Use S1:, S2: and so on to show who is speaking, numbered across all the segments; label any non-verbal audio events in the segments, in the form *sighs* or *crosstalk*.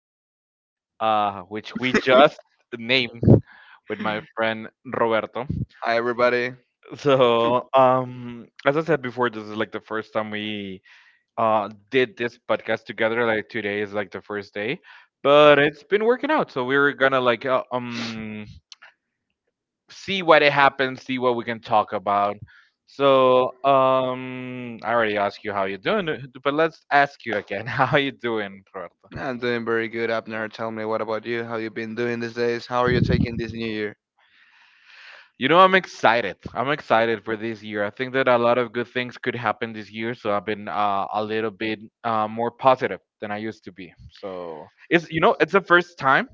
S1: Talks, which we just named with my friend Roberto.
S2: buddy,
S1: As I said before, this is like the first time we did this podcast together. Like today is like the first day, but it's been working out. So we're gonna like see what it happens, see what we can talk about. I already asked you how you doing, but let's ask you again. *laughs* How are you doing, Roberto?
S2: I'm doing very good, Abner. Tell me, what about you? How you been doing these days? How are you taking this new year?
S1: You know, I'm excited. I'm excited for this year. I think that a lot of good things could happen this year, so I've been a little bit more positive than I used to be. So it's you know, it's the first time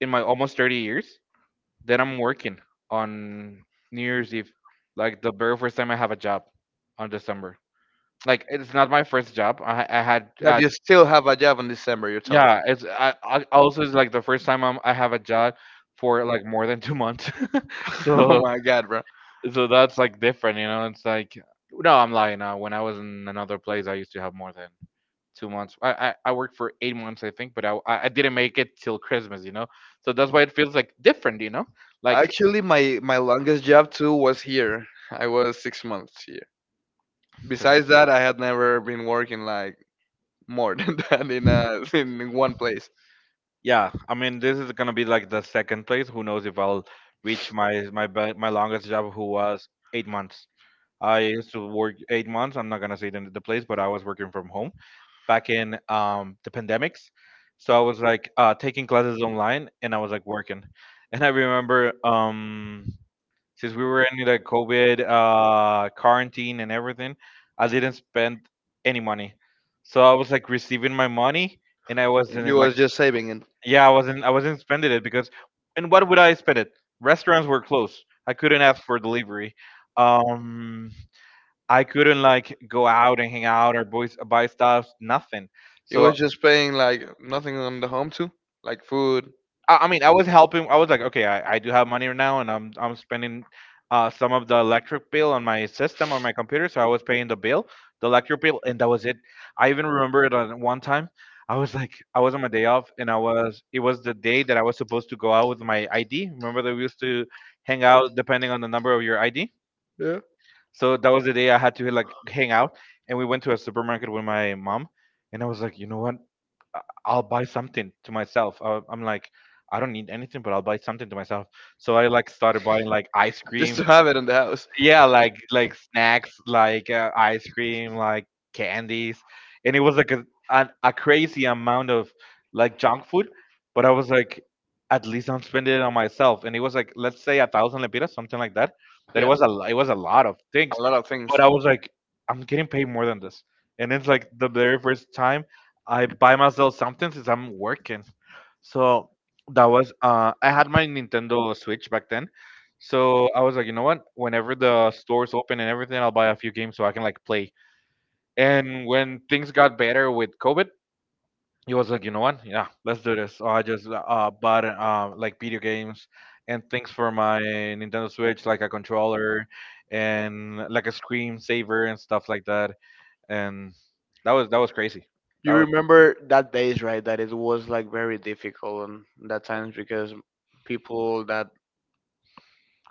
S1: in my almost 30 years that I'm working on New Year's Eve, like the very first time I have a job on December. Like it's not my first job. I had
S2: That you still have a job in December, you're telling me.
S1: yeah. It's I also it's like the first time I have a job for like more than 2 months. *laughs*
S2: *laughs* Oh
S1: so
S2: my God, bro.
S1: so that's like different, you know. It's like no, I'm lying now. When I was in another place, I used to have more than 2 months. I worked for 8 months, I think, but I didn't make it till Christmas, you know. So that's why it feels like different, you know. Like
S2: Actually, my longest job too was here. I was 6 months here.
S1: so-
S2: Besides that, I had never been working like more *laughs* than that in one place.
S1: yeah, I mean, this is gonna be like the second place. Who knows if I'll reach my longest job, who was 8 months. I used to work 8 months. I'm not gonna say the place, but I was working from home back in the pandemics. So I was like taking classes online and I was like working. *laughs* And I remember since we were in the COVID quarantine and everything, I didn't spend any money. So I was like receiving my money and I
S2: It
S1: wasn't like,
S2: was just saving and
S1: yeah, I wasn't spending it because, and what would I spend it? Restaurants were closed. I couldn't ask for delivery. Um, I couldn't like go out and hang out or buy stuff, nothing.
S2: it
S1: So
S2: was just paying like nothing on the home too, like food,
S1: I mean, I was helping. I was like, okay, I do have money now, and I'm spending some of the electric bill on my system on my computer. So I was paying the bill, the electric bill, and that was it. I even remember it on one time. I was like, I was on my day off, and I was it was the day that I was supposed to go out with my ID. Remember that we used to hang out depending on the number of your ID.
S2: yeah,
S1: So that was the day I had to like hang out, and we went to a supermarket with my mom, and I was like, you know what? I'll buy something to myself. I'm like, I don't need anything, but I'll buy something to myself. So I like started buying like ice cream,
S2: just to have it in the house.
S1: yeah like snacks like ice cream like candies and it was like a crazy amount of like junk food but I was like at least I'm spending it on myself and it was like let's say a thousand lempiras something like that that it
S2: Yeah,
S1: was it was a lot of things
S2: a lot of things.
S1: but I was like I'm getting paid more than this and it's like the very first time I buy myself something since I'm working so that was I had my Nintendo Switch back then so I was like, you know what? Whenever the stores open and everything, I'll buy a few games so I can like play. And when things got better with COVID, he was like, you know what? Yeah, let's do this. So I just bought like video games and things for my Nintendo Switch, like a controller and like a screen saver and stuff like that. And that was crazy. That
S2: You
S1: was
S2: remember that days, right? That it was like very difficult and that times because people that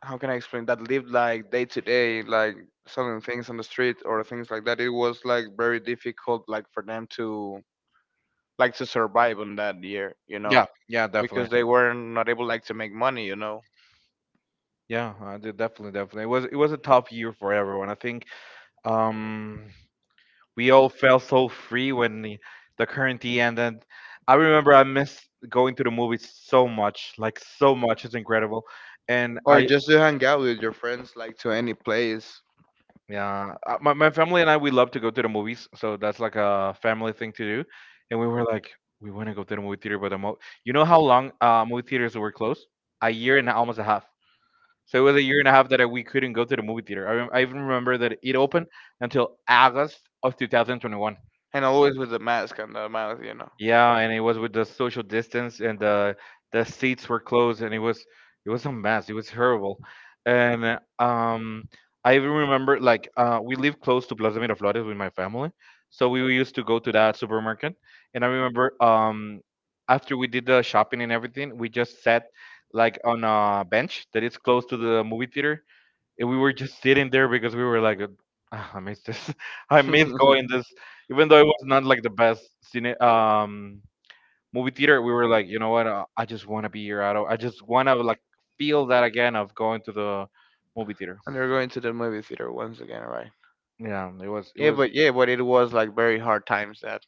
S2: how can I explain that lived like day to day, like selling things on the street or things like that. It was like very difficult, like for them to like to survive on that year, you know,
S1: yeah, yeah, definitely.
S2: because they were not able like to make money, you know,
S1: Yeah, I did definitely, definitely. It was a tough year for everyone. I think um we all felt so free when the quarantine ended. I remember I missed going to the movies so much, like so much. It's incredible, and
S2: or
S1: I
S2: just to hang out with your friends, like to any place,
S1: yeah, my my family and I we love to go to the movies, so that's like a family thing to do, and we were like we want to go to the movie theater, but you know how long movie theaters were closed? A year and almost a half. So it was a year and a half that we couldn't go to the movie theater. I even remember that it opened until August of 2021.
S2: and always with the mask on the mouth, you know.
S1: Yeah, and it was with the social distance and the seats were closed and it was a mess. It was horrible. And I even remember like we live close to Plaza Miraflores with my family. So we used to go to that supermarket and I remember after we did the shopping and everything, we just sat like on a bench that is close to the movie theater and we were just sitting there because we were like, "Ah, I miss this. *laughs* I
S2: *laughs* And
S1: miss going this, even though it was not like the best cine movie theater. We were like, you know what? I just want to be here. I don't. I just want to like feel that again of going to the movie theater.
S2: they're going to the movie theater once again, right?
S1: Yeah, it was. It was
S2: Yeah, but it was like very hard times that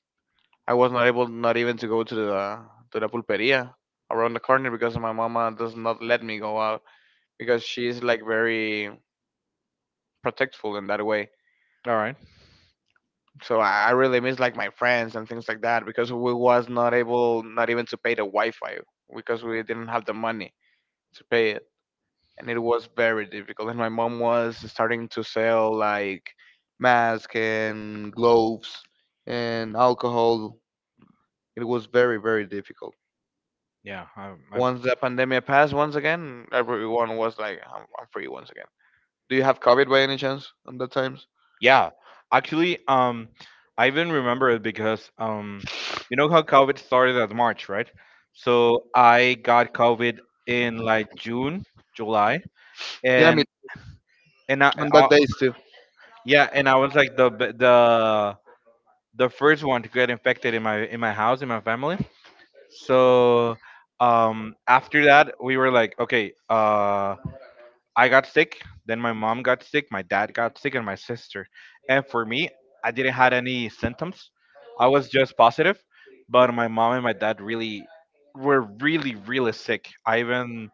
S2: I was not able not even to go to the pulperia around the corner because my mama does not let me go out because she's like very protectful in that way.
S1: All right.
S2: So I really miss like my friends and things like that because we was not able not even to pay the Wi-Fi because we didn't have the money to pay it, and it was very difficult and my mom was starting to sell like masks and gloves and alcohol. It was very, very difficult.
S1: Yeah, I, I,
S2: Once the pandemic passed, once again, everyone was like, I'm free once again. Do you have COVID by any chance on that times?
S1: yeah. Actually, I even remember it because you know how COVID started at March, right? So I got COVID in like June, July
S2: Yeah, me
S1: and and
S2: on
S1: I
S2: that days too.
S1: yeah, and I was like the first one to get infected in my house in my family. So after that we were like okay, I got sick, then my mom got sick, my dad got sick and my sister. And for me, I didn't had any symptoms. I was just positive, but my mom and my dad really were really really sick. I even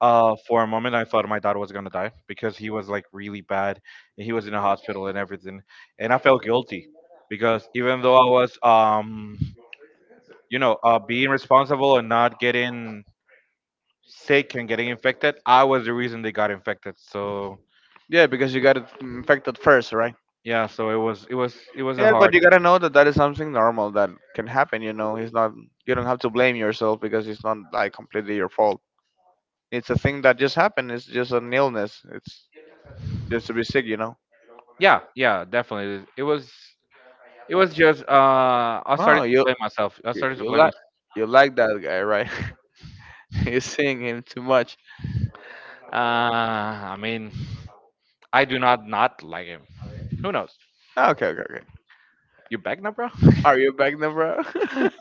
S1: for a moment, I thought my dad was gonna die because he was like really bad, and he was in a hospital and everything, and I felt guilty because even though I was you know, being responsible and not getting sick and getting infected, I was the reason they got infected. So
S2: Yeah, because you got infected first, right?
S1: yeah, so it was a
S2: Yeah,
S1: hard.
S2: but you gotta know that that is something normal that can happen. You know, it's not. You don't have to blame yourself because it's not like completely your fault. It's a thing that just happened. It's just an illness. It's just to be sick. You know.
S1: Yeah, yeah, definitely. It was just I started
S2: Oh,
S1: to
S2: you
S1: blame myself. I
S2: you,
S1: started to
S2: you
S1: blame
S2: like
S1: myself.
S2: you like that guy, right? *laughs* You seeing him too much.
S1: I mean, I do not not like him. Who knows?
S2: Ah, okay, okay, okay.
S1: You back now, bro?
S2: Are you back then, bro?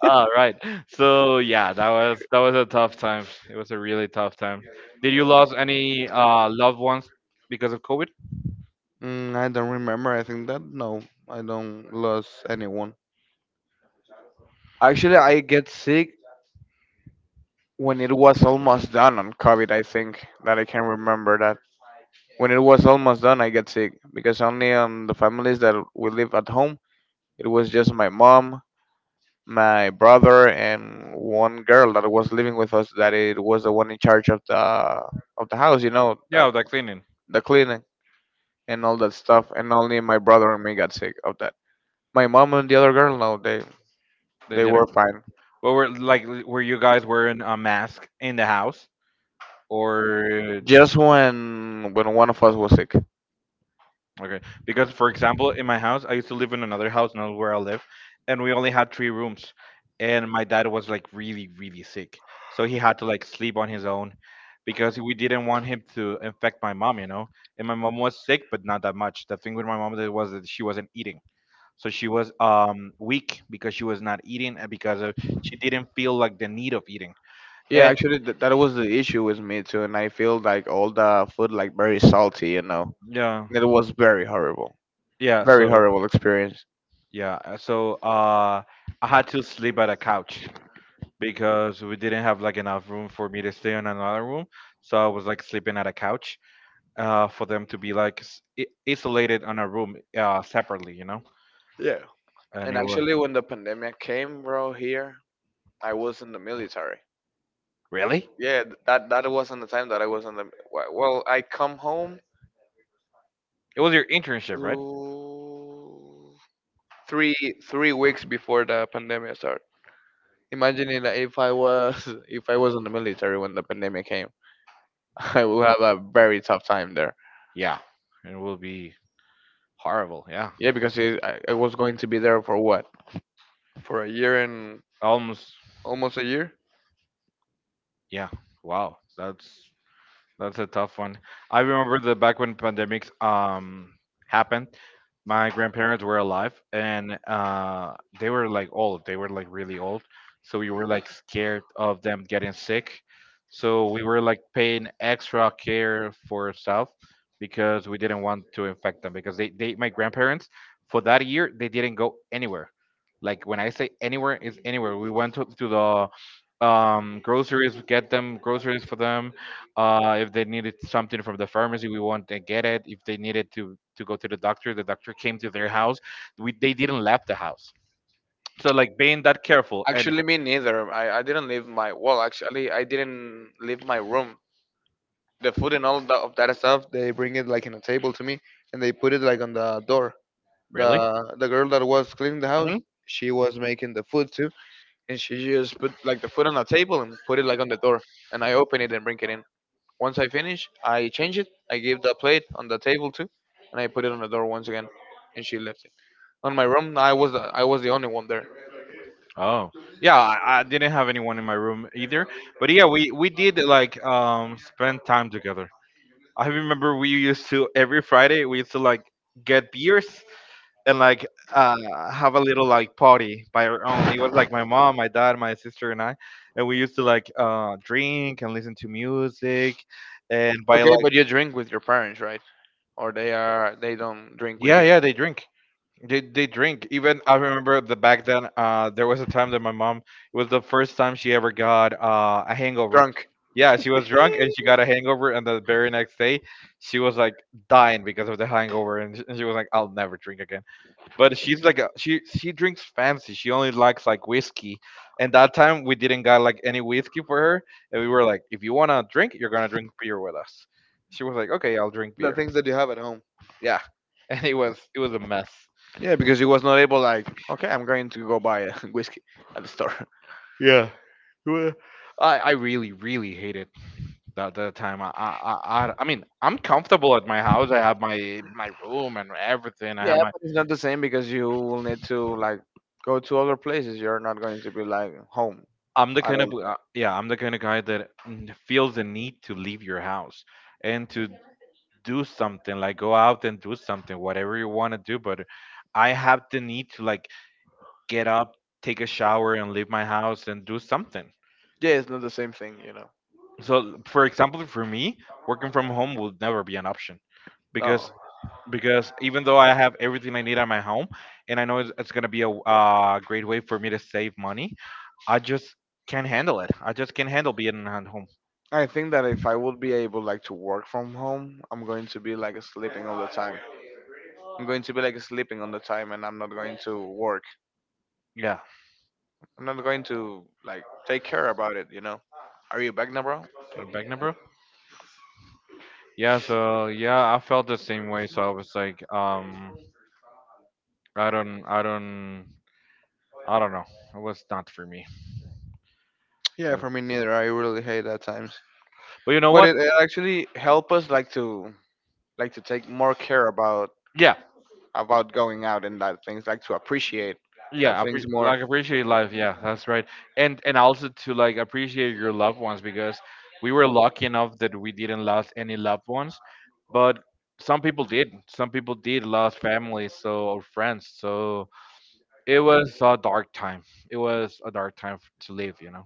S1: All right. So yeah, that was a tough time. It was a really tough time. Did you lose any loved ones because of COVID?
S2: *laughs* I don't remember. I think that no, I don't lose anyone. Actually, I get sick when it was almost done on COVID. I think that I can remember that when it was almost done, I get sick because only on the families that we live at home, it was just my mom, my brother, and one girl that was living with us. That it was the one in charge of the house, you know, that
S1: Yeah, the cleaning.
S2: the cleaning. And all that stuff. And only my brother and me got sick of that. My mom and the other girl, no,
S1: They
S2: they were
S1: didn't.
S2: fine.
S1: But were like were you guys wearing a mask in the house or?
S2: Just when one of us was sick.
S1: Okay. Because, for example, in my house, I used to live in another house, not where I live, and we only had three rooms. And my dad was like really, really sick. So he had to like sleep on his own because we didn't want him to infect my mom, you know? And my mom was sick, but not that much. The thing with my mom that was that she wasn't eating. So she was weak because she was not eating and because of, she didn't feel like the need of eating.
S2: Yeah,
S1: And
S2: actually, that was the issue with me too, and I feel like all the food like very salty, you know.
S1: yeah,
S2: And it was
S1: yeah, so
S2: very horrible experience.
S1: yeah, I had to sleep at a couch because we didn't have like enough room for me to stay in another room. So I was like sleeping at a couch for them to be like isolated on a room separately, you know.
S2: Yeah.
S1: And
S2: And
S1: it was
S2: actually, when the pandemic came, bro, here I was in the military.
S1: really
S2: Yeah, that that wasn't the time that I was in the. Well, I come home
S1: it was your internship, right?
S2: to three three weeks before the pandemic started. Imagining that if I was *laughs* if I was in the military when the pandemic came, *laughs* I would have a very tough time there.
S1: Yeah, it will be horrible. Yeah,
S2: Yeah, because it, I was going to be there for what? For a year and
S1: almost.
S2: almost a year.
S1: Yeah, wow, that's a tough one. I remember the back when pandemics happened, my grandparents were alive and they were like old. They were like really old. So we were like scared of them getting sick. So we were like paying extra care for ourselves because we didn't want to infect them because they my grandparents for that year they didn't go anywhere. Like when I say anywhere is anywhere. We went to the groceries, get them groceries for them if they needed something from the pharmacy, we went and get it. If they needed to go to the doctor came to their house. We They didn't left the house. So like being that careful and
S2: Actually, me neither. I didn't leave my well. Actually, I didn't leave my room. The food and all that, of that stuff, they bring it like in a table to me, and they put it like on the door.
S1: really.
S2: The girl that was cleaning the house,
S1: Mhm.
S2: she was making the food too, and she just put like the foot on the table and put it like on the door, and I open it and bring it in. Once I finish I change it, I give the plate on the table too, and I put it on the door once again, and she left it on my room. I was the, I was the only one there.
S1: Oh, yeah. I didn't have anyone in my room either, but yeah, we did like spend time together. I remember we used to every Friday we used to like get beers and like have a little like party by our own. It was like my mom, my dad, my sister, and I, and we used to like drink and listen to music, and by
S2: Okay,
S1: like
S2: but you drink with your parents, right, or they are they don't drink with
S1: yeah
S2: you?
S1: yeah they drink. They drink. Even I remember the back then. There was a time that my mom it was the first time she ever got a hangover.
S2: Drunk.
S1: Yeah, she was drunk and she got a hangover, and the very next day she was like dying because of the hangover, and and she was like, "I'll never drink again." But she's like she drinks fancy. She only likes like whiskey. And that time we didn't got like any whiskey for her, and we were like, if you wanna drink, you're gonna drink beer with us. She was like, okay, I'll drink
S2: The
S1: beer.
S2: things that you have at home.
S1: Yeah, *laughs* and it was a mess.
S2: Yeah because he was not able like, okay, I'm going to go buy a *laughs* whiskey at the store.
S1: Yeah, it I really really hated that time. I mean I'm comfortable at my house. I have my room and everything. I
S2: Yeah,
S1: have my
S2: but it's not the same because you will need to like go to other places. You're not going to be like home
S1: I'm the
S2: at
S1: kind of
S2: all.
S1: yeah I'm the kind of guy that feels the need to leave your house and to do something, like go out and do something, whatever you want to do. But I have the need to like get up, take a shower, and leave my house and do something.
S2: Yeah, it's not the same thing, you know.
S1: So, for example, for me, working from home will never be an option because
S2: No.
S1: even though I have everything I need at my home, and I know it's gonna be a great way for me to save money, I just can't handle it. I just can't handle being at home.
S2: I think that if I would be able like to work from home, I'm going to be like sleeping all the time. I'm going to be like sleeping all the time and I'm not going to work.
S1: Yeah.
S2: I'm not going to like take care about it, you know. Are you back now, bro?
S1: So back now, bro. Yeah, I felt the same way. So I was like, I don't, I don't, I don't know. It was not for me.
S2: Yeah,
S1: Yeah.
S2: for me neither. I really hate that times.
S1: But you know
S2: But
S1: what?
S2: it actually helped us like to take more care
S1: Yeah,
S2: about going out and that things like to appreciate that
S1: yeah.
S2: things more.
S1: Appreciate life. Yeah, that's right. And also to like appreciate your loved ones because we were lucky enough that we didn't lose any loved ones, but some people did. Some people did lose family, so or friends. So it was a dark time. It was a dark time to live. You know.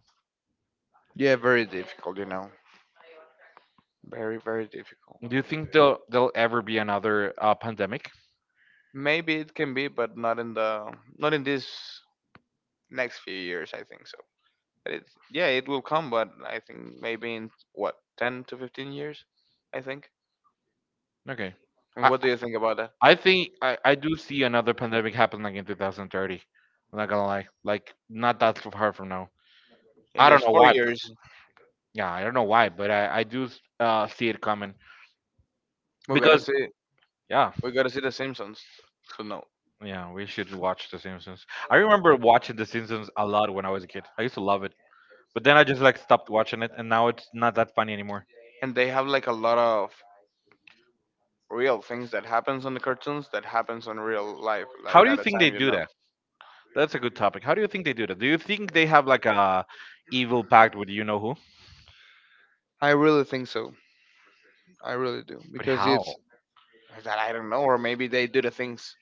S2: Yeah, very difficult, you know, very, very difficult.
S1: Do you think there'll ever be another pandemic?
S2: Maybe it can be but not in the not in this next few years I think so. But it yeah it will come but I think maybe in what, 10 to 15 years, I think.
S1: Okay. I,
S2: And what do you think about that?
S1: I think I do see another pandemic happen like in 2030. I'm not gonna lie, like not that so far from now.
S2: In
S1: I don't
S2: just
S1: know
S2: four
S1: why, but
S2: years
S1: yeah, I don't know why, but I I see it coming
S2: We gotta
S1: because
S2: see.
S1: yeah,
S2: We gotta see The Simpsons to know.
S1: yeah, we should watch The Simpsons. I remember watching The Simpsons a lot when I was a kid. I used to love it, but then I just like stopped watching it, and now it's not that funny anymore.
S2: And they have like a lot of real things that happens on the cartoons that happens on real life
S1: How
S2: like
S1: do you
S2: at a
S1: think they
S2: time, you
S1: do
S2: know.
S1: that? That's a good topic. How do you think they do that? Do you think they have like a evil pact with you know who?
S2: I really think so. I really do,
S1: But
S2: because
S1: how?
S2: it's that I don't know. Or maybe they do the things.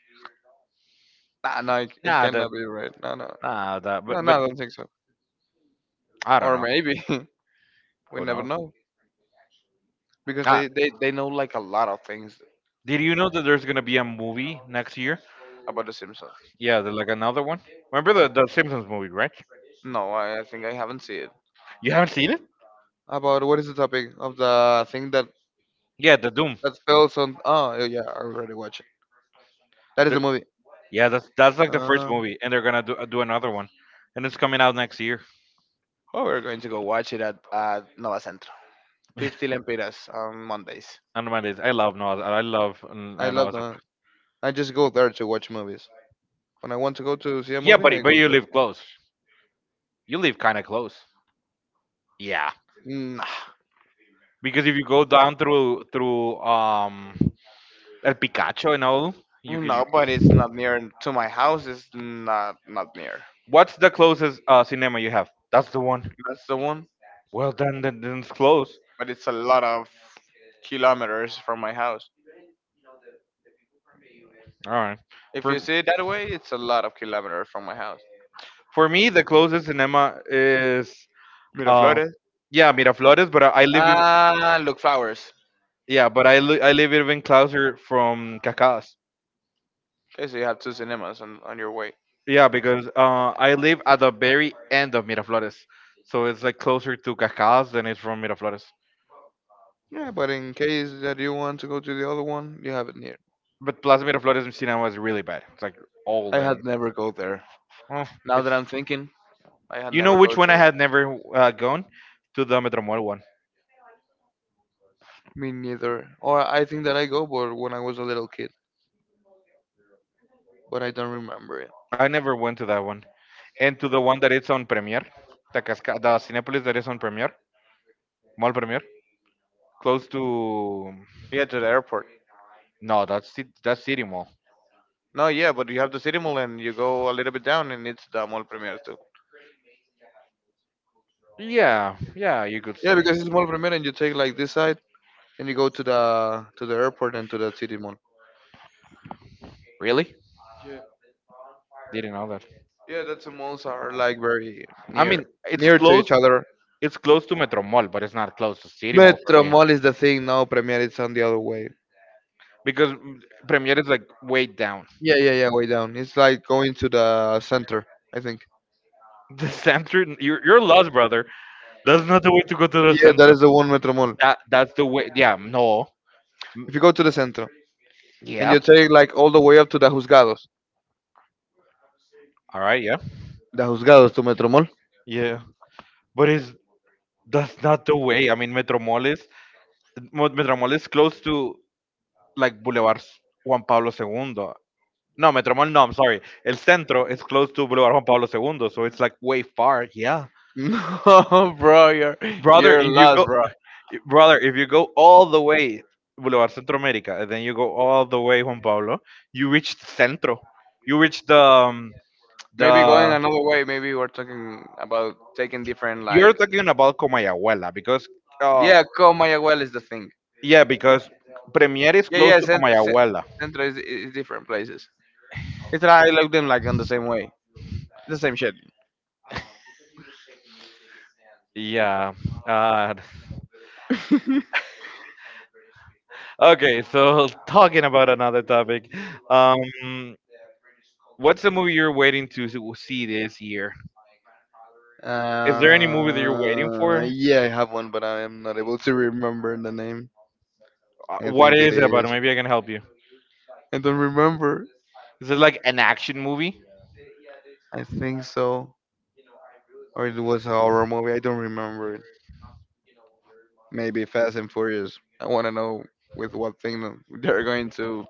S2: Nah, no, it, it
S1: Nah, that
S2: cannot be right, no no.
S1: nah that
S2: No no,
S1: but
S2: I don't think so.
S1: I don't
S2: Or
S1: know.
S2: maybe *laughs* we
S1: Who
S2: never
S1: knows?
S2: know, because
S1: Ah,
S2: they they know like a lot of things.
S1: did you know that there's gonna be a movie next year?
S2: About The Simpsons.
S1: Yeah, there's like another one. Remember the Simpsons movie, right?
S2: No I, I think I haven't seen it.
S1: You haven't seen it?
S2: About what is the topic of the thing that
S1: Yeah, the Doom.
S2: that spells on? Oh, yeah, yeah, I already watched it. That is a
S1: The-
S2: movie.
S1: yeah, that's like the first
S2: Uh,
S1: movie, and they're gonna do do another one, and it's coming out next year.
S2: Oh, we're going to go watch it at Nova Centro. 50 Lempiras on Mondays.
S1: I don't mind it. I love Noah's. I love
S2: I love
S1: Noah's Ark.
S2: that. I just go there to watch movies. When I want to go to see a
S1: Yeah,
S2: movie, I
S1: but
S2: go
S1: you
S2: there.
S1: live close. You live kind of close. Yeah,
S2: Nah.
S1: because if you go down through El Picacho and all, you can. You,
S2: No, but it's not near to my house. It's not not near.
S1: what's the closest cinema you have? That's the one.
S2: That's the one.
S1: Well, then it's close.
S2: But it's a lot of kilometers from my house.
S1: All right.
S2: If
S1: For
S2: you see it that way, it's a lot of kilometers from my house.
S1: for me, the closest cinema is uh,
S2: Miraflores.
S1: yeah, Miraflores. But I live, in,
S2: Ah, look flowers.
S1: yeah, but I I live even closer from Cacas.
S2: Okay, so you have two cinemas on your way.
S1: Yeah, because I live at the very end of Miraflores, so it's like closer to Cacas than it's from Miraflores.
S2: Yeah, but in case that you want to go to the other one, you have it near.
S1: But Plaza Miraflores cinema is really bad. It's like old
S2: I
S1: and
S2: had never go there.
S1: oh,
S2: Now
S1: it's.
S2: that I'm thinking, I had
S1: You know
S2: never go
S1: which one I
S2: to.
S1: had never gone to the Metro one.
S2: Me neither. Or I think that I go, but when I was a little kid, but I don't remember it.
S1: I never went to that one. And to the one that is on Premiere, the Cinepolis that is on Premiere, Mall Premiere, close to
S2: Yeah, to the airport.
S1: no, that's that's City Mall.
S2: No, yeah, but you have the city mall and you go a little bit down and it's the mall premier.
S1: Yeah, yeah, you could
S2: Yeah,
S1: say.
S2: because it's Mall Primera, and you take like this side, and you go to the airport and to the city mall.
S1: Really?
S2: Yeah,
S1: Didn't know that.
S2: yeah, that's the malls are like very
S1: I
S2: near,
S1: mean, it's
S2: near to each
S1: close.
S2: other.
S1: It's close to Metro Mall, but it's not close to City Mall for
S2: Metro
S1: me
S2: Mall is the thing now. Premier it's on the other way.
S1: because Premiere is like way down.
S2: Yeah, yeah, yeah, way down. It's like going to the center, I think.
S1: *laughs* The center, you're lost, brother. That's not the way to go to the
S2: Yeah, that
S1: center.
S2: is the one Metro Mall.
S1: That's the way. Yeah, no. Mm,
S2: If you go to the center and
S1: yeah.
S2: you take like all the way up to
S1: All right, yeah.
S2: the Juzgados to Metro Mall. *laughs*
S1: Yeah, but it's that's not the way. I mean, Metromol is close to like Juan Pablo II. No, Metromol. No, I'm sorry. El Centro is close to Boulevard Juan Pablo II, so it's like way far. Yeah,
S2: No, bro,
S1: brother.
S2: you're
S1: If you
S2: lost,
S1: go,
S2: bro.
S1: brother, if you go all the way Boulevard Centro America, and then you go all the way Juan Pablo, you reach Centro. You reach the um,
S2: Maybe going
S1: the.
S2: another way. Maybe we're talking about taking different
S1: You're
S2: like.
S1: talking about Comayagüela because, uh,
S2: Yeah, Ko Mayaguel is the thing.
S1: yeah, because Premier is
S2: Yeah,
S1: close
S2: yeah.
S1: to Comayagüela.
S2: Centro is different places. It's like I look them like on the same way. It's the same shit.
S1: Yeah. Uh,
S2: *laughs*
S1: okay, so talking about another topic. Um, what's the movie you're waiting to see this year? Is there any movie that you're waiting
S2: Uh,
S1: for?
S2: yeah, I have one, but I am not able to remember the name. I
S1: What
S2: think it
S1: is it about?
S2: is.
S1: Maybe I can help you.
S2: I don't remember.
S1: Is it like an action movie
S2: I think so. Or it was a horror movie. I don't remember it. Maybe Fast and Furious. I want to know with what thing they're going to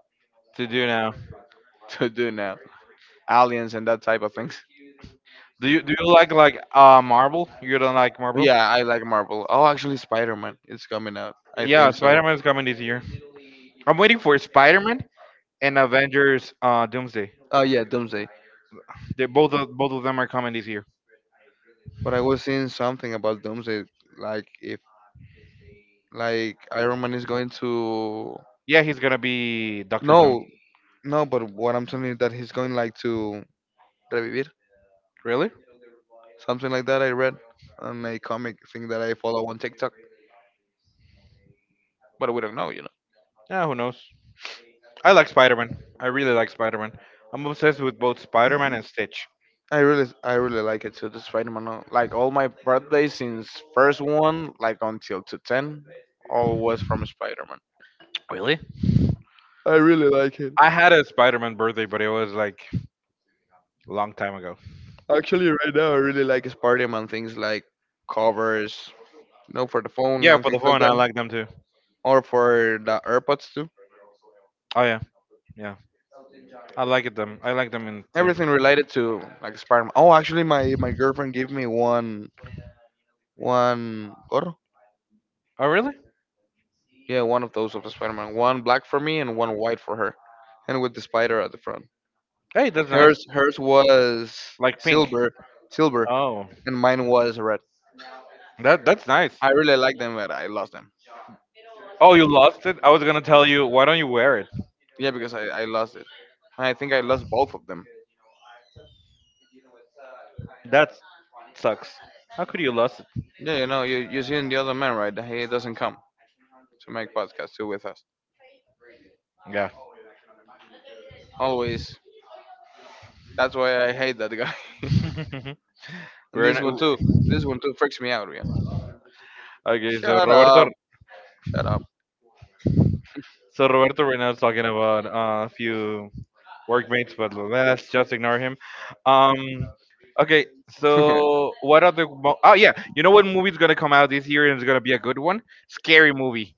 S1: to do now?
S2: do now. Aliens and that type of things.
S1: Do you like Marvel? You don't like Marvel?
S2: Yeah, I like Marvel. Oh, actually, Spider Man. It's coming out. I
S1: Yeah,
S2: think so.
S1: Spider Man's coming this year. I'm waiting for Spider Man and Avengers Doomsday.
S2: Oh yeah, Doomsday.
S1: Both of them are coming this year.
S2: But I was seeing something about Doomsday, like if like Iron Man is going to
S1: Yeah, he's gonna be Doctor Doom.
S2: no no, but what I'm telling you that he's going like to Revivir,
S1: Really?
S2: something like that. I read on a comic thing that I follow on TikTok, but we don't know, you know.
S1: Yeah, who knows? I like Spider Man. I really like Spider Man. I'm obsessed with both Spider Man and
S2: *clears throat*
S1: Stitch.
S2: I really like it too. The Spider-Man, like all my birthdays since first one, like until to ten, all was from Spider-Man.
S1: Really?
S2: I really like it.
S1: I had a Spider Man birthday, but it was like a long time ago.
S2: Actually, right now I really like Spider-Man things like covers, you know, for the phone
S1: Yeah,
S2: and
S1: for the
S2: things like
S1: phone, I
S2: that,
S1: like them too.
S2: or for the AirPods too.
S1: Oh yeah, yeah. I like it them. I like them in too.
S2: Everything related to like Spider-Man. Oh, actually, my girlfriend gave me one gorro.
S1: Oh really?
S2: Yeah, one of those of a Spider-Man. One black for me and one white for her, and with the spider at the front.
S1: Hey, that's nice.
S2: Hers was
S1: Like pink.
S2: silver, silver,
S1: Oh,
S2: and mine was red.
S1: that that's nice.
S2: I really like them, but I lost them.
S1: Oh, you lost it? I was gonna tell you, why don't you wear it?
S2: Yeah, because I lost it. I think I lost both of them.
S1: That sucks. How could you lost it?
S2: Yeah, you know, you seen the other man, right? He doesn't come to make podcast too with us.
S1: Yeah.
S2: Always. That's why I hate that guy. *laughs*
S1: *laughs*
S2: And
S1: We're
S2: this one too.
S1: in,
S2: This one too freaks me out. Yeah.
S1: okay.
S2: Shut up. Shut up.
S1: So Roberto right now is talking about a few workmates, but let's just ignore him. Um, okay.
S2: *laughs*
S1: So what are the? Oh yeah, you know what movie's gonna come out this year and it's gonna be a good one? Scary movie.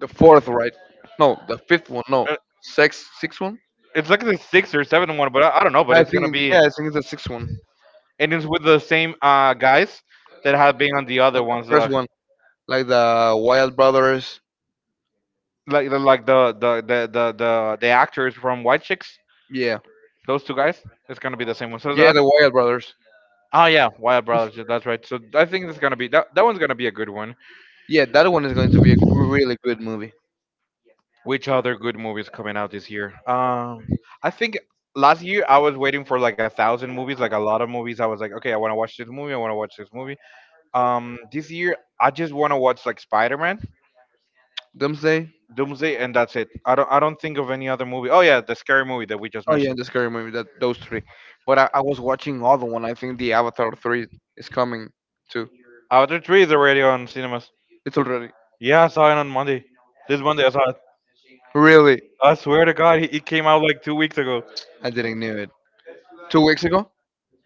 S2: The fourth, right? No, the fifth one. No,
S1: Uh,
S2: sixth one.
S1: It's like the sixth or seventh one, but I don't know. But
S2: I
S1: it's gonna
S2: think
S1: be.
S2: yeah, I think it's the sixth one
S1: And it's with the same guys that have been on the
S2: and
S1: other
S2: the
S1: ones,
S2: first one, like the Wild Brothers.
S1: like the actors from White Chicks.
S2: Yeah,
S1: Those two guys, it's gonna be the same one.
S2: yeah, the Wild Brothers.
S1: Oh yeah, Wild Brothers.
S2: *laughs*
S1: Yeah, that's right. So I think that's gonna be that. That one's gonna be a good one.
S2: Yeah, that one is going to be a really good movie.
S1: Which other good movies coming out this year? I think last year I was waiting for like a thousand movies, like a lot of movies. I was like, okay, I want to watch this movie. I want to watch this movie. This year I just want to watch like Spider Man
S2: Doomsday.
S1: Doomsday, and that's it. I don't think of any other movie. Oh yeah, the scary movie that we just
S2: Oh yeah, and
S1: mentioned.
S2: the scary movie. That those three. But I was watching other one. I think the Avatar three is coming too.
S1: Avatar Three is already on cinemas.
S2: It's already
S1: Yeah, I saw it on Monday. This Monday I saw it.
S2: really.
S1: I swear to God, it came out like two weeks ago.
S2: I didn't knew it. 2 weeks ago.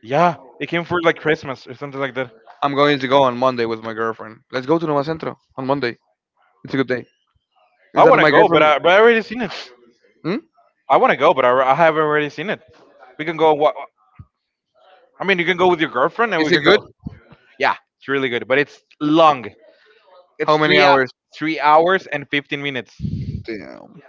S1: Yeah, it came for like Christmas or something like that.
S2: I'm going to go on Monday with my girlfriend. Let's go to Nova Centro on Monday. It's a good day. Is
S1: I
S2: that
S1: want to
S2: my
S1: go, but
S2: girlfriend?
S1: I already seen it.
S2: Hmm?
S1: I want to go, but I have already seen it. We can go. What I mean, you can go with your girlfriend, and
S2: Is
S1: we
S2: it
S1: can go.
S2: good?
S1: Yeah, it's really good, but it's long.
S2: How
S1: It's
S2: many
S1: three hou-
S2: hours?
S1: three hours and 15.
S2: Damn.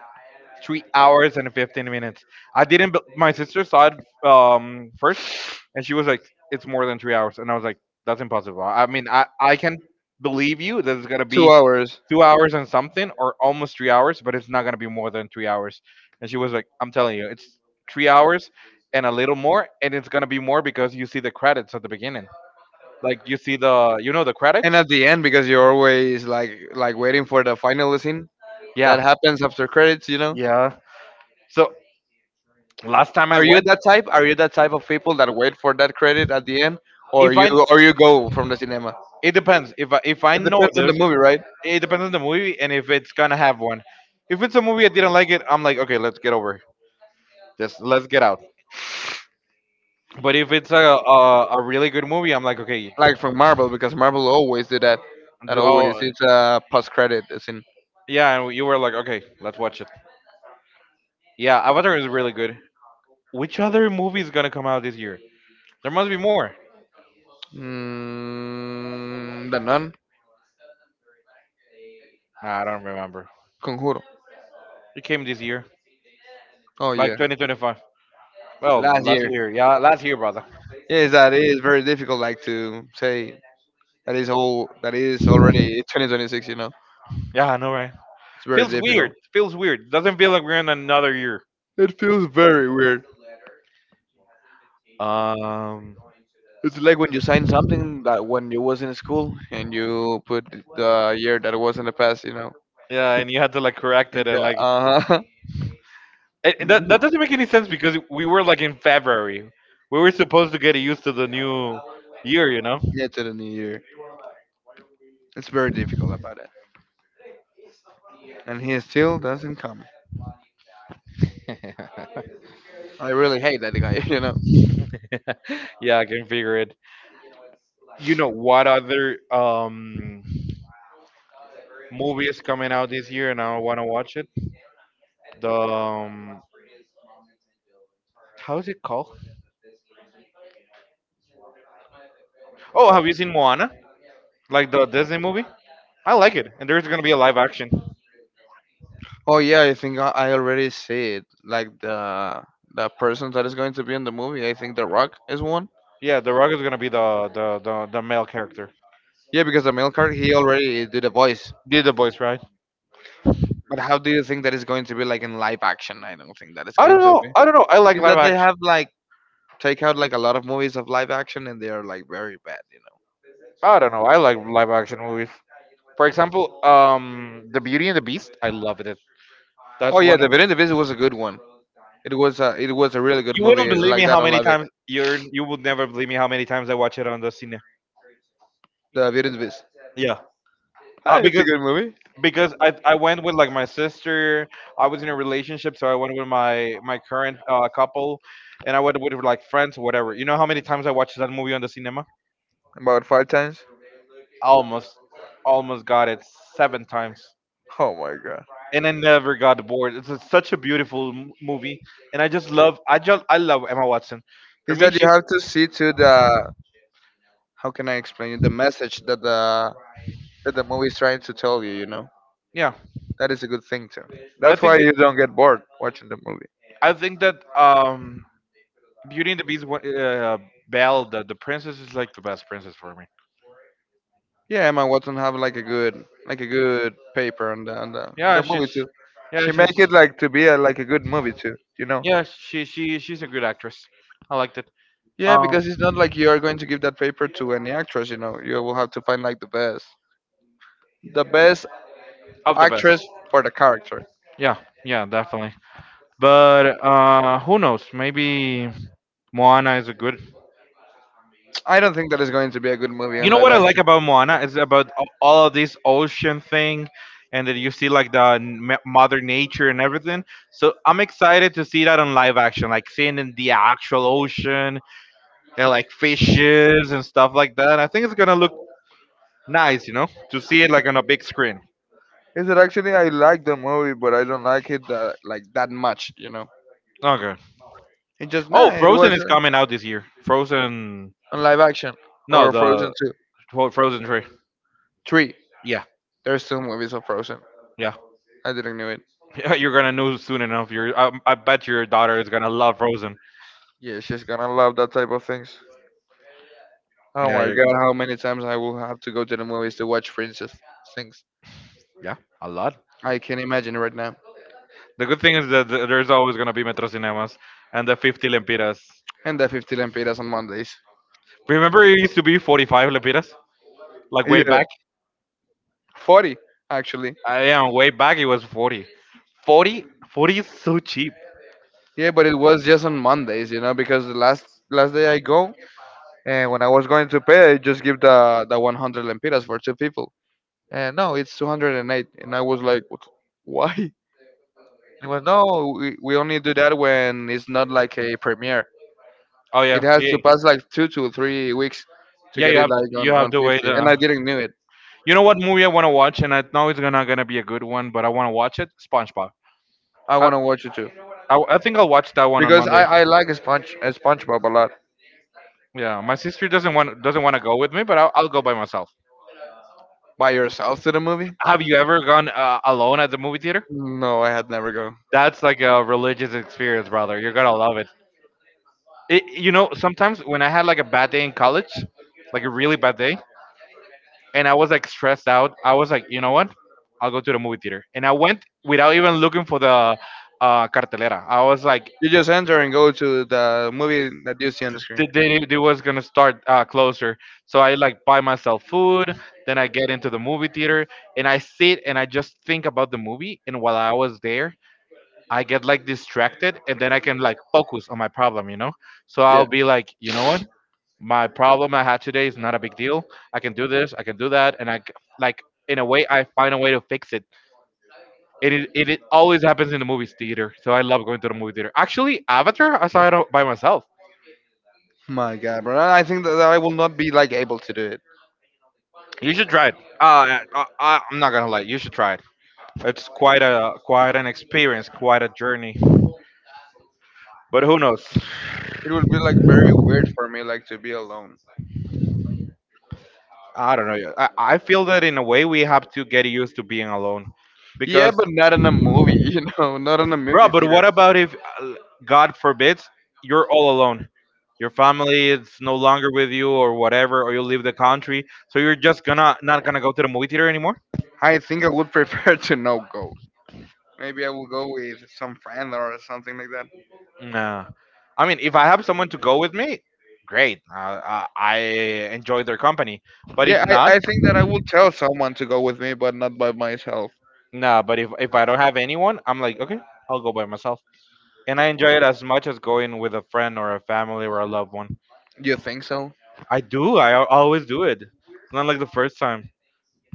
S1: Three hours and 15 minutes. I didn't, bel- My sister saw it first and she was like, it's more than three hours. And I was like, that's impossible. I mean, I can believe you that it's going to
S2: Two
S1: be
S2: hours.
S1: two hours and something or almost three hours, but it's not going to be more than three hours. And she was like, I'm telling you, it's three hours and a little more. And it's going to be more because you see the credits at the beginning. Like you see you know, the
S2: And
S1: credits.
S2: at the end, because you're always like waiting for the final scene that
S1: Yeah.
S2: happens after credits, you know.
S1: Yeah. So last time I
S2: Are you
S1: went,
S2: that type? Are you that type of people that wait for that credit at the end, or
S1: if
S2: you
S1: I,
S2: or you go from the cinema?
S1: it depends. If I
S2: It
S1: know
S2: depends on the
S1: there's—
S2: movie, right?
S1: it depends on the movie and if it's gonna have one. If it's a movie I didn't like it, I'm like, okay, let's get over it. Just let's get out. But if it's a really good movie, I'm like, okay,
S2: Like from Marvel, because Marvel always do that. That
S1: do,
S2: always
S1: oh
S2: it's a post credit scene.
S1: yeah, and you were like, okay, let's watch it. Yeah, Avatar is really good. Which other movie is gonna come out this year? There must be more.
S2: Mm, the Nun,
S1: I don't remember.
S2: Conjuro.
S1: It came this year,
S2: Oh
S1: like
S2: yeah,
S1: 2025. Well,
S2: last
S1: last
S2: year.
S1: year, yeah, last year, brother.
S2: Yes, that is very difficult. Like to say that is all that is already 2026. You know,
S1: Yeah, I know, right?
S2: it's very
S1: Feels weird.
S2: difficult.
S1: Feels weird. Doesn't feel like we're in another year.
S2: It feels very weird.
S1: Um.
S2: It's like when you sign something that when you was in school and you put the year that it was in the past. You know,
S1: Yeah, and you had to like correct
S2: and
S1: it and like—
S2: uh huh.
S1: That
S2: *laughs*
S1: doesn't make any sense because we were like in February. We were supposed to get used to the new year, you know.
S2: Yeah, to the new year. It's very difficult about it, and he still doesn't come.
S1: *laughs*
S2: I really hate that guy. *laughs* You know.
S1: yeah, I can figure it. You know what other movie is coming out this year, and I want to watch it. The How is it called? Oh, have you seen Moana? Like the Disney movie? I like it, and there's gonna be a live action.
S2: Oh yeah, I think I already see it. Like the person that is going to be in the movie, I think The Rock is one.
S1: Yeah, The Rock is gonna be the male character.
S2: Yeah, because the male card he already did a voice.
S1: Did the voice, right?
S2: But how do you think that is going to be like in live action? I don't think that is
S1: I
S2: going
S1: don't
S2: to be.
S1: know. I don't know. I like
S2: Is
S1: live
S2: that they
S1: action.
S2: have like take out like a lot of movies of live action and they are like very bad, you know.
S1: I don't know. I like live action movies. For example, The Beauty and the Beast. I loved it.
S2: Oh
S1: That's
S2: yeah,
S1: one.
S2: The
S1: Of,
S2: Beauty and the Beast was a good one. It was a really good
S1: You
S2: movie
S1: wouldn't believe me
S2: like that
S1: how
S2: on
S1: many
S2: live action.
S1: times you would never believe me how many times I watch it on the cine.
S2: The Beauty and the Beast.
S1: Yeah. Uh,
S2: Ah, it's a
S1: because
S2: good movie.
S1: because I went with like my sister. I was in a relationship, so I went with my current couple, and I went with like friends, whatever. You know how many times I watched that movie on the cinema?
S2: About five times.
S1: Almost, almost got it seven times.
S2: Oh my god.
S1: And I never got bored. It's such a beautiful movie, and I just I love Emma Watson. For
S2: Is
S1: me,
S2: that you
S1: she—
S2: have to see to the how can I explain it the message that the movie is trying to tell you. You know,
S1: yeah.
S2: that is a good thing too.
S1: I
S2: That's why
S1: think
S2: you don't get bored watching the movie.
S1: I think that Beauty and the Beast, Belle, the princess is like the best princess for me.
S2: Yeah, Emma Watson have like a good paper on the on
S1: Yeah,
S2: the movie
S1: she's
S2: too.
S1: yeah
S2: She
S1: she's
S2: make it like to be a, like a good movie too. You know.
S1: yeah, she's a good actress. I liked it.
S2: Yeah,
S1: Um,
S2: because it's not like you are going to give that paper to any actress. You know, you will have to find like the best
S1: of the
S2: actress
S1: best.
S2: for the character.
S1: Yeah, yeah, definitely. But who knows? Maybe Moana is a good—
S2: I don't think that is going to be a good movie
S1: you
S2: on
S1: know
S2: live
S1: what I like
S2: action.
S1: about Moana is about all of this ocean thing, and that you see like the mother nature and everything. So I'm excited to see that on live action, like seeing in the actual ocean and like fishes and stuff like that. I think it's gonna look nice, you know, to see it like on a big screen.
S2: Is that actually I like the movie, but I don't like it that like that much. You know,
S1: Okay.
S2: it just
S1: Oh,
S2: nah. It
S1: Frozen
S2: was
S1: is coming out this year. Frozen,
S2: on live action
S1: no,
S2: or Frozen
S1: the
S2: two,
S1: Fro- Frozen three.
S2: three.
S1: Yeah,
S2: There's two movies of Frozen.
S1: yeah.
S2: I didn't know it.
S1: *laughs* You're gonna know soon enough. I bet your daughter is gonna love Frozen.
S2: Yeah, she's gonna love that type of things. Oh
S1: Yeah,
S2: my
S1: you're,
S2: god, how many times I will have to go to the movies to watch princess things.
S1: Yeah, a lot.
S2: I can imagine right now.
S1: The good thing is that there's always gonna be Metro Cinemas and the 50 lempiras.
S2: And the 50 lempiras on Mondays.
S1: Remember, it used to be 45 lempiras, like way
S2: Yeah,
S1: back.
S2: 40 actually.
S1: I am way back. It was 40. 40, 40 is so cheap.
S2: Yeah, but it was just on Mondays, you know, because the last day I go, and when I was going to pay, I just give the 100 lempiras for two people. And no, it's 208. And eight. And I was like, what? Why? It was no, we only do that when it's not like a premiere.
S1: Oh
S2: It
S1: yeah,
S2: has
S1: yeah,
S2: to pass like 2 to 3 weeks to
S1: yeah.
S2: get it like
S1: You have
S2: on
S1: to wait.
S2: 50. And I didn't knew it.
S1: You know what movie I want to watch, and I know it's gonna be a good one, but I want to watch it. SpongeBob.
S2: I
S1: I,
S2: want to watch it too.
S1: I think I'll watch that one on
S2: Because I,
S1: Monday.
S2: I like Sponge, SpongeBob a lot.
S1: Yeah, my sister doesn't want to go with me, but I'll go by myself.
S2: By yourself to the movie?
S1: Have you ever gone alone at the movie theater?
S2: No, I had never go.
S1: That's like a religious experience, brother. You're gonna love it. It. You know, sometimes when I had like a bad day in college, like a really bad day, and I was like stressed out, I was like, you know what? I'll go to the movie theater. And I went without even looking for the cartelera. I was like,
S2: You just enter and go to the movie that you see on the screen.
S1: they was gonna start closer. So I like buy myself food. Then I get into the movie theater and I sit and I just think about the movie. And while I was there, I get like distracted and then I can like focus on my problem, you know? So I'll
S2: Yeah.
S1: be like, you know what? My problem I had today is not a big deal. I can do this, I can do that. And I, c- like, In a way, I find a way to fix it. It always happens in the movie theater. So I love going to the movie theater. Actually, Avatar, I saw it by myself.
S2: My God, bro. And I think that that I will not be like able to do it.
S1: You should try it. I'm not gonna lie, you should try it. It's quite a quite an experience, quite a journey. But who knows?
S2: It will be like very weird for me, like to be alone.
S1: I don't know. Yeah, I feel that in a way we have to get used to being alone.
S2: Yeah,
S1: Because,
S2: but not in a movie, *laughs* you know, not in a
S1: bro,
S2: movie
S1: but
S2: theater.
S1: what about if, God forbids, you're all alone? Your family is no longer with you or whatever, or you leave the country. So you're just gonna not gonna go to the movie theater anymore?
S2: I think I would prefer *laughs* to no go. Maybe I will go with some friend or something like that.
S1: Nah. I mean, if I have someone to go with me, great. I enjoy their company. But
S2: Yeah,
S1: if
S2: I,
S1: not,
S2: I think that I will tell someone to go with me, but not by myself.
S1: nah. But if I don't have anyone, I'm like, okay, I'll go by myself. And I enjoy it as much as going with a friend or a family or a loved one.
S2: Do you think so?
S1: I do. Always do it. It's not like the first time.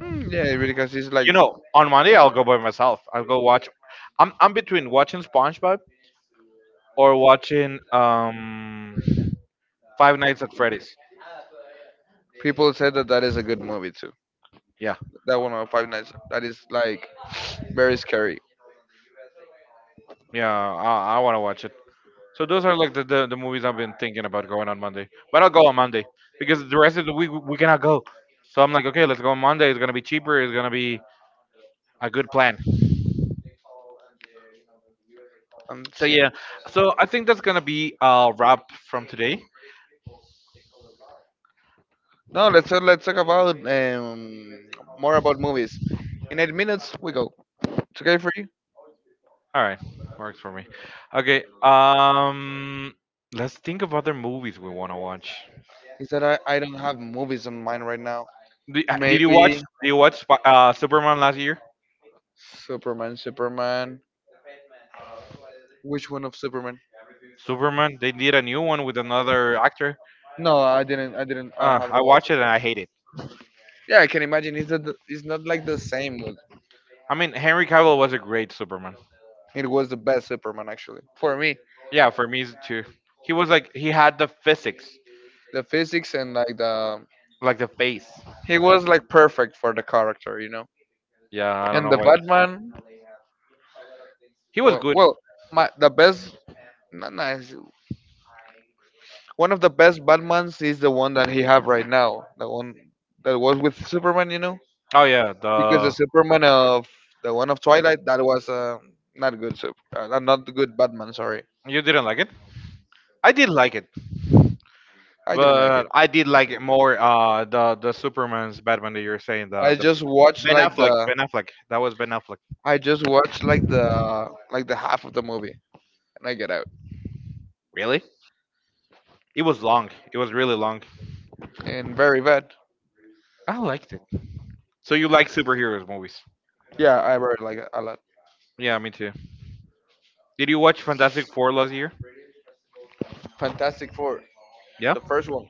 S2: Mm, yeah, because it's like
S1: You know, on Monday I'll go by myself. I'll go watch. I'm between watching SpongeBob or watching Five Nights at Freddy's.
S2: people said that that is a good movie too.
S1: Yeah,
S2: That one of Five Nights. That is like very scary.
S1: yeah. I want to watch it. So those are like the movies I've been thinking about going on Monday. But I'll go on Monday because the rest of the week we cannot go. So I'm like, okay, let's go on Monday. It's gonna be cheaper. It's gonna be a good plan.
S2: I'm
S1: So yeah. So I think that's gonna be a wrap from today.
S2: no, let's talk about more about movies. In 8 minutes, we go. It's okay for you?
S1: All right, works for me. Okay, let's think of other movies we want to watch.
S2: Is that I don't have movies on mind right now.
S1: Did you watch?
S2: Maybe
S1: Did you watch Superman last year?
S2: Superman, Superman. Which one of Superman?
S1: Superman. They did a new one with another actor.
S2: No, I didn't. I didn't. I haven't
S1: I
S2: watched
S1: watched it
S2: it.
S1: and I hate it.
S2: Yeah, I can imagine. It's not. It's not like the same one.
S1: I mean, Henry Cavill was a great Superman.
S2: It was the best Superman actually for me.
S1: Yeah, for me it's too. He was like he had the physics,
S2: The physics and like the
S1: like the face.
S2: he was like perfect for the character, you know.
S1: Yeah, I don't
S2: And
S1: know
S2: the
S1: why.
S2: Batman,
S1: He was
S2: well,
S1: good.
S2: well, my the best. Not nice. One of the best Batmans is the one that he have right now. The one that was with Superman, you know,
S1: Oh yeah,
S2: because the
S1: the—
S2: Superman of the one of Twilight that was not good. Not good Batman. Sorry,
S1: you didn't like it. I did like it,
S2: I didn't like
S1: but
S2: it.
S1: I did like it more. The Superman's Batman that you're saying,
S2: I
S1: the
S2: just watched
S1: Ben
S2: like
S1: Affleck,
S2: the
S1: That was Ben Affleck.
S2: I just watched like the half of the movie and I get out.
S1: Really? It was long. It was really long.
S2: And very bad.
S1: I liked it. So you like superheroes movies?
S2: Yeah, I read like a lot.
S1: Yeah, me too. Did you watch Fantastic Four last year?
S2: Fantastic Four,
S1: Yeah.
S2: the first one.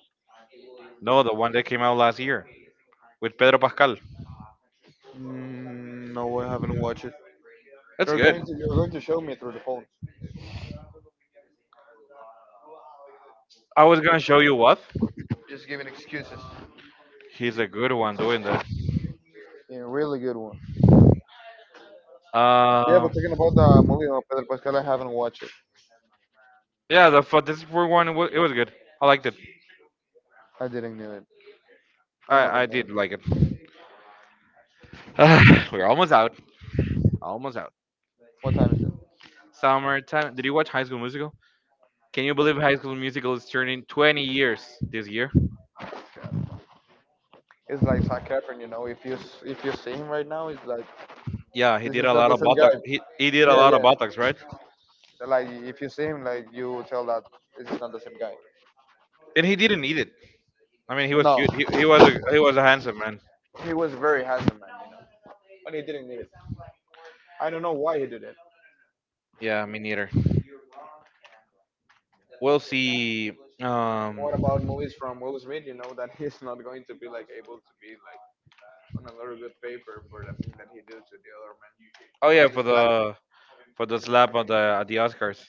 S1: No, the one that came out last year with Pedro Pascal.
S2: Mm, no, I haven't watched it.
S1: That's
S2: You're
S1: good.
S2: going to you're going to show me through the phone.
S1: I was gonna show you what.
S2: Just giving excuses.
S1: He's a good one doing that.
S2: Yeah, really good one. Yeah,
S1: Uh,
S2: but talking about the movie of Pedro Pascal, I
S1: yeah, the for this for one, it it was good. I liked it.
S2: I didn't know it. I
S1: I
S2: haven't known.
S1: did like it. *sighs* We're almost out. Almost out.
S2: What time is it?
S1: Summertime. Did you watch High School Musical? Can you believe High School Musical is turning 20 years this year?
S2: It's like Zac Efron, you know. If you if you see him right now, it's like
S1: Yeah, he
S2: this
S1: did
S2: is
S1: a
S2: not
S1: lot
S2: the
S1: of
S2: same
S1: botox.
S2: guy.
S1: He did a
S2: Yeah,
S1: lot of
S2: yeah.
S1: botox, right?
S2: Like if you see him, like you tell that this is not the same guy.
S1: And he didn't need it. I mean, he was
S2: No,
S1: cute. He was a handsome man.
S2: he was very handsome man, you know, but he didn't need it. I don't know why he did it.
S1: Yeah, me neither. We'll see. Um,
S2: What about movies from Will Smith? You know that *laughs* he's not going to be like able to be like on a very good paper for the thing that he did to the other man
S1: oh
S2: when
S1: yeah,
S2: he's lap.
S1: for the slap at the Oscars.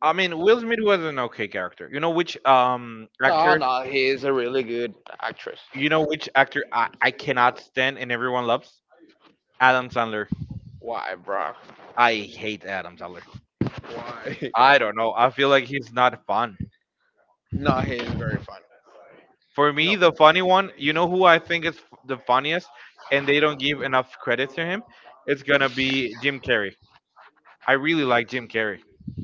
S1: I mean, Will Smith was an okay character. You know which
S2: No,
S1: actor?
S2: no, he is a really good actress.
S1: You know which actor I cannot stand and everyone loves? Adam Sandler.
S2: Why, bro?
S1: I hate Adam Sandler.
S2: Why? *laughs*
S1: I don't know. I feel like he's not fun.
S2: No, he is very funny.
S1: For me, the funny one. You know who I think is the funniest, and they don't give enough credit to him. It's gonna be Jim Carrey. I really like Jim Carrey.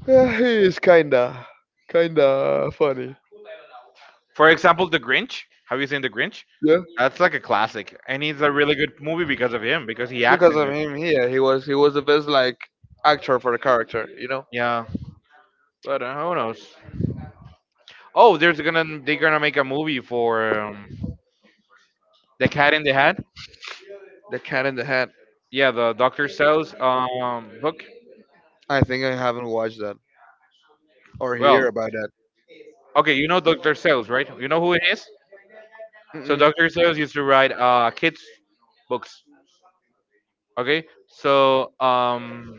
S2: Yeah, he is kinda, kinda funny.
S1: For example, The Grinch. Have you seen The Grinch?
S2: Yeah.
S1: That's like a classic, and it's a really good movie because of him, because he acts
S2: Because
S1: in
S2: of
S1: it.
S2: him here, he was the best like actor for the character. You know,
S1: Yeah, but who knows? Oh, there's gonna they're gonna make a movie for The Cat in the Hat.
S2: the cat in the hat.
S1: Yeah, the Doctor Seuss book.
S2: I think I haven't watched that or hear
S1: Well,
S2: about that.
S1: okay, you know Doctor Seuss, right? You know who it is. So
S2: Mm-mm.
S1: Doctor Seuss used to write kids books. Okay, so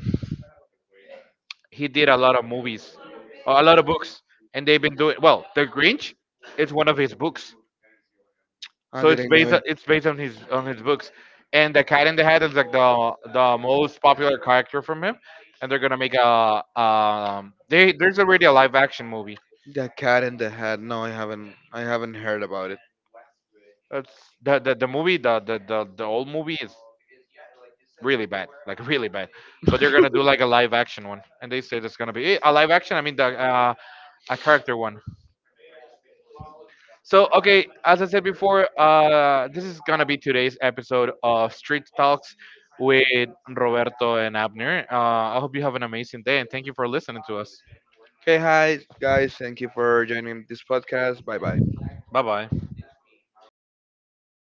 S1: he did a lot of movies, a lot of books, and they've been doing well. The Grinch is one of his books,
S2: I
S1: so
S2: didn't know it.
S1: it's based on his books. And the Cat in the Hat is like the most popular character from him, and they're gonna make a they there's already a live action movie.
S2: The cat in the hat. No, I haven't. I haven't heard about it.
S1: That's the movie the old movie is really bad, like really bad. But they're gonna do like a live action one, and they said it's gonna be a live action. I mean the a character one. So, okay, as I said before, this is gonna be today's episode of Street Talks with Roberto and Abner. I hope you have an amazing day and thank you for listening to us.
S2: Okay, hi guys. Thank you for joining this podcast. Bye bye.
S1: Bye bye.